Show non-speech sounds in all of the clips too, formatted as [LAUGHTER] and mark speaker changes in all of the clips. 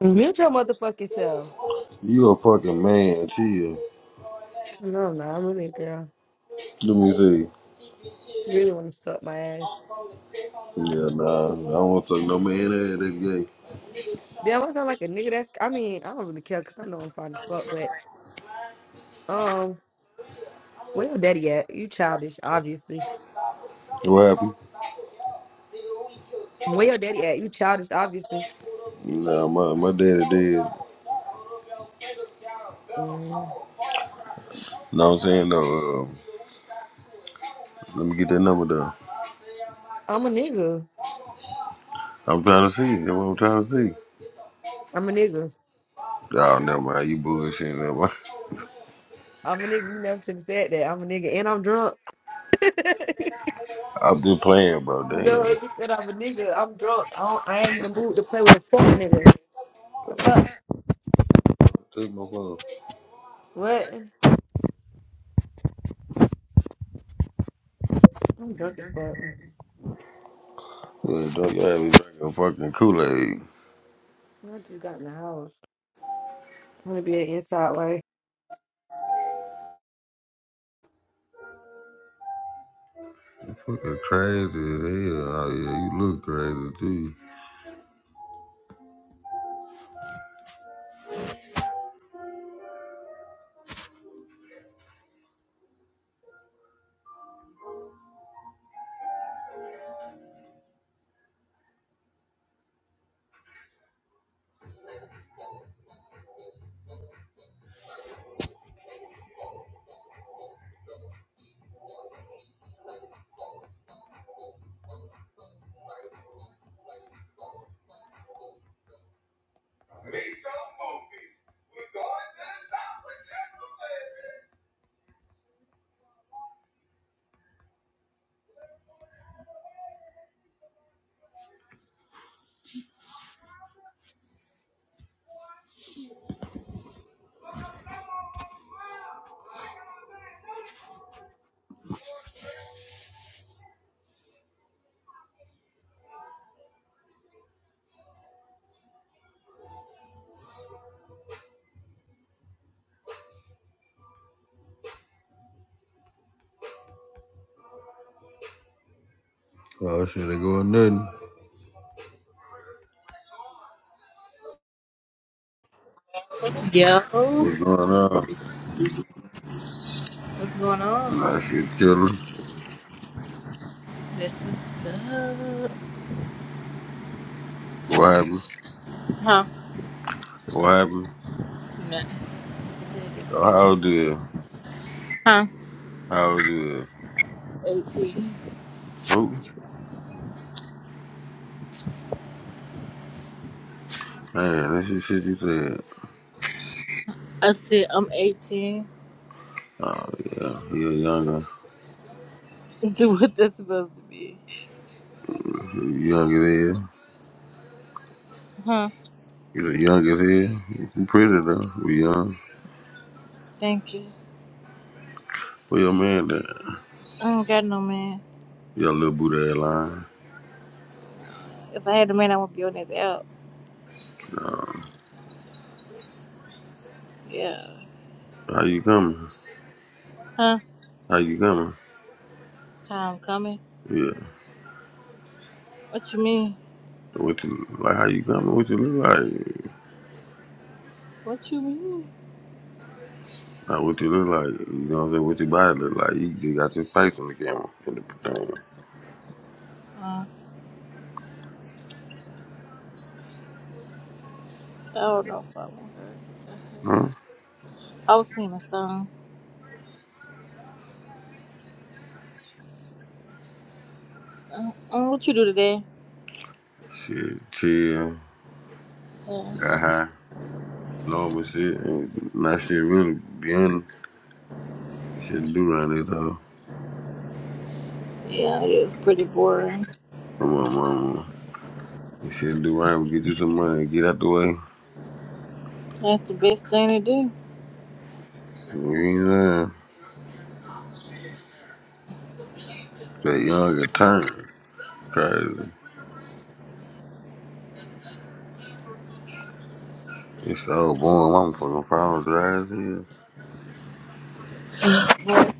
Speaker 1: Mute your motherfucking self.
Speaker 2: You a fucking man, chill.
Speaker 1: No, no, I'm a nigga girl.
Speaker 2: Let me see.
Speaker 1: You really want to suck my ass.
Speaker 2: Yeah, nah. I don't want to fuck no man ass that's gay.
Speaker 1: Damn, I sound like a nigga that's. I mean, I don't really care because I know I'm fine as fuck, but, um, where your daddy at? You childish, obviously.
Speaker 2: What happened?
Speaker 1: Where your daddy at? You childish, obviously.
Speaker 2: Nah, my, my daddy dead.
Speaker 1: Mm,
Speaker 2: No, I'm saying though, uh, let me get that number down.
Speaker 1: I'm a nigga.
Speaker 2: I'm trying to see. That's what I'm trying to see.
Speaker 1: I'm a nigga.
Speaker 2: Oh, never mind. You bullshitting. Never mind.
Speaker 1: I'm a nigga. You never should have said that. I'm a nigga and I'm drunk. [LAUGHS]
Speaker 2: [LAUGHS] I'm just playing, bro. Damn.
Speaker 1: no, you said I'm a nigga. I'm drunk. I, don't, I ain't in the mood to play with a fuck nigga. The fuck?
Speaker 2: Take my phone.
Speaker 1: What? I'm drunk as fuck.
Speaker 2: Yeah, don't you have me drinking fucking Kool-Aid.
Speaker 1: I just got in the house. i to be an inside way.
Speaker 2: Fucking crazy as hell. Oh, yeah, you look crazy, too. Oh, shit, ain't going nothing.
Speaker 3: Yo,
Speaker 2: What's going on?
Speaker 3: what's going on?
Speaker 2: Nah, shit killing.
Speaker 3: This what's up?
Speaker 2: What happened?
Speaker 3: Huh?
Speaker 2: What happened?
Speaker 3: Nah.
Speaker 2: Oh, how old you?
Speaker 3: Huh?
Speaker 2: How old you?
Speaker 3: 18.
Speaker 2: Who? Man, that's the shit you said.
Speaker 3: I said I'm 18.
Speaker 2: Oh, yeah. You're younger.
Speaker 3: Do what that's supposed to be.
Speaker 2: you younger than hell.
Speaker 3: Huh?
Speaker 2: You look young as hell. You pretty though. We young.
Speaker 3: Thank you.
Speaker 2: Where your man at?
Speaker 3: I don't got no man.
Speaker 2: Your little booty ass line.
Speaker 3: If I had a man, I would be on his out.
Speaker 2: Um,
Speaker 3: Yeah.
Speaker 2: how you coming?
Speaker 3: Huh?
Speaker 2: How you coming?
Speaker 3: How I'm coming?
Speaker 2: Yeah.
Speaker 3: What you mean?
Speaker 2: What you like? How you coming? What you look like?
Speaker 3: What you mean?
Speaker 2: Like what you look like? You know what I'm saying? What your body look like? You just got your face on the camera in the thing.
Speaker 3: Uh, I don't know if I want her.
Speaker 2: Huh?
Speaker 3: I was singing a song. Uh, uh, what you do today?
Speaker 2: Shit, chill.
Speaker 3: Uh,
Speaker 2: Got high. Normal shit. And not shit really being shit do right there though.
Speaker 3: yeah, it was pretty boring.
Speaker 2: Come on, mama. Shit do right. We get you some money. Get out the way.
Speaker 3: That's the best thing to do.
Speaker 2: You know, what I'm saying? that younger turn crazy. It's so boring. My fucking phone dry as hell.
Speaker 3: What?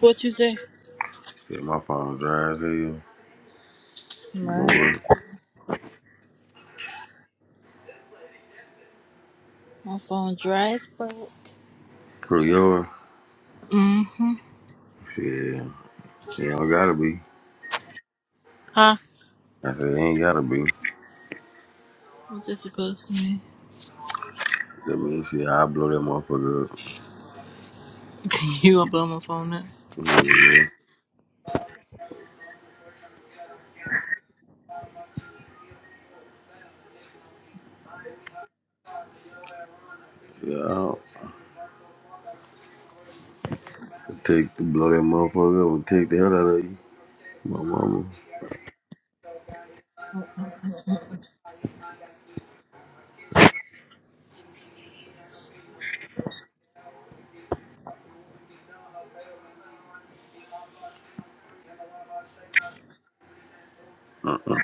Speaker 3: What you say?
Speaker 2: Shit, my phone dry as hell.
Speaker 3: My
Speaker 2: Boy,
Speaker 3: My phone dry as fuck.
Speaker 2: screw yours.
Speaker 3: Mm-hmm.
Speaker 2: Shit, it don't gotta be.
Speaker 3: Huh?
Speaker 2: I said, it ain't gotta be.
Speaker 3: What that supposed to mean?
Speaker 2: That means shit, I blow that motherfucker up.
Speaker 3: [LAUGHS] you gonna blow my phone up?
Speaker 2: Yeah, yeah. I'll take the blow that motherfucker up and take the hell out of you. My mama. Uh-uh.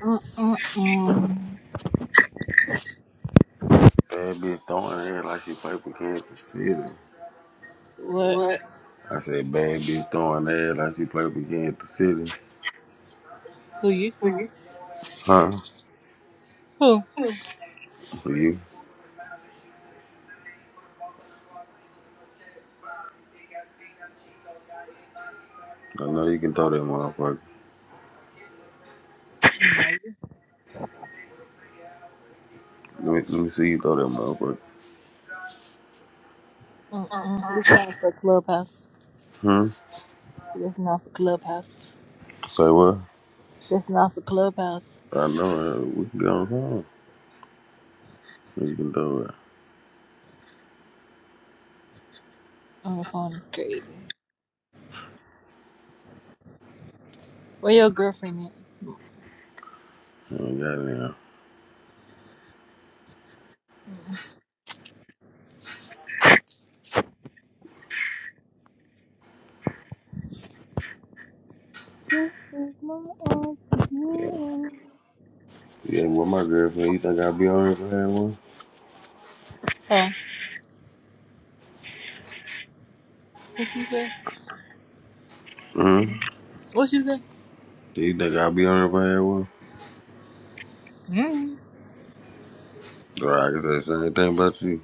Speaker 3: Mm-mm-mm.
Speaker 2: Bad bitch throwing ass like she play for Kansas City.
Speaker 3: What?
Speaker 2: I said, bad bitch throwing ass like she play for Kansas City.
Speaker 3: Who you?
Speaker 2: Huh?
Speaker 3: Who?
Speaker 2: For you? I know you can throw that motherfucker. Let me, let me see you throw that motherfucker.
Speaker 3: Mm-mm. It's not for Clubhouse.
Speaker 2: Hmm?
Speaker 3: That's not for Clubhouse.
Speaker 2: Say what?
Speaker 3: That's not for Clubhouse.
Speaker 2: I know it. We can get on the phone. You can throw it.
Speaker 3: On the phone is crazy. Where your girlfriend at?
Speaker 2: I ain't got it now.
Speaker 3: This is my
Speaker 2: Yeah.
Speaker 3: afternoon.
Speaker 2: Yeah, well, my girlfriend, you think I'll be on here for that one?
Speaker 3: Huh? What you say?
Speaker 2: Mm-hmm.
Speaker 3: What you say?
Speaker 2: Do you think I'll be on here for that one?
Speaker 3: Mm.
Speaker 2: Girl, I can say the same thing about you.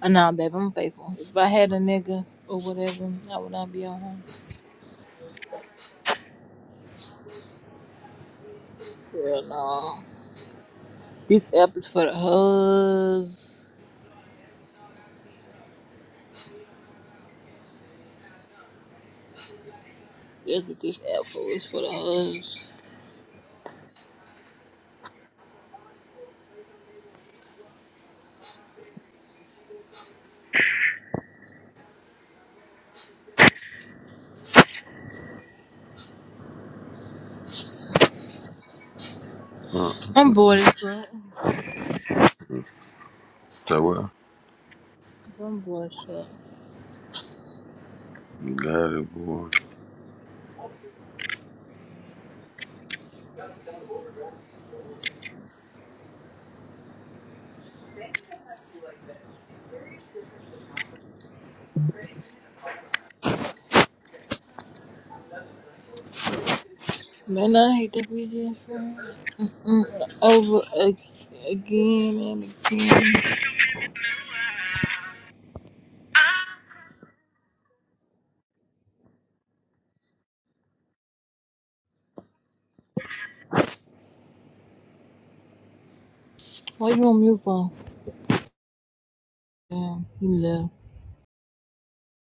Speaker 3: Uh, Nah, babe, I'm faithful. If I had a nigga or whatever, I would not be on home. Hell no. This app is for the hoes. That's what this app for. It's for the hoes.
Speaker 2: Huh?
Speaker 3: I'm bored as fuck.
Speaker 2: Say what?
Speaker 3: I'm bored as fuck.
Speaker 2: You got it, boy.
Speaker 3: Man, I hate that we just friends. Mm, Over ag- again and again. Why you on mute for? Damn, he left.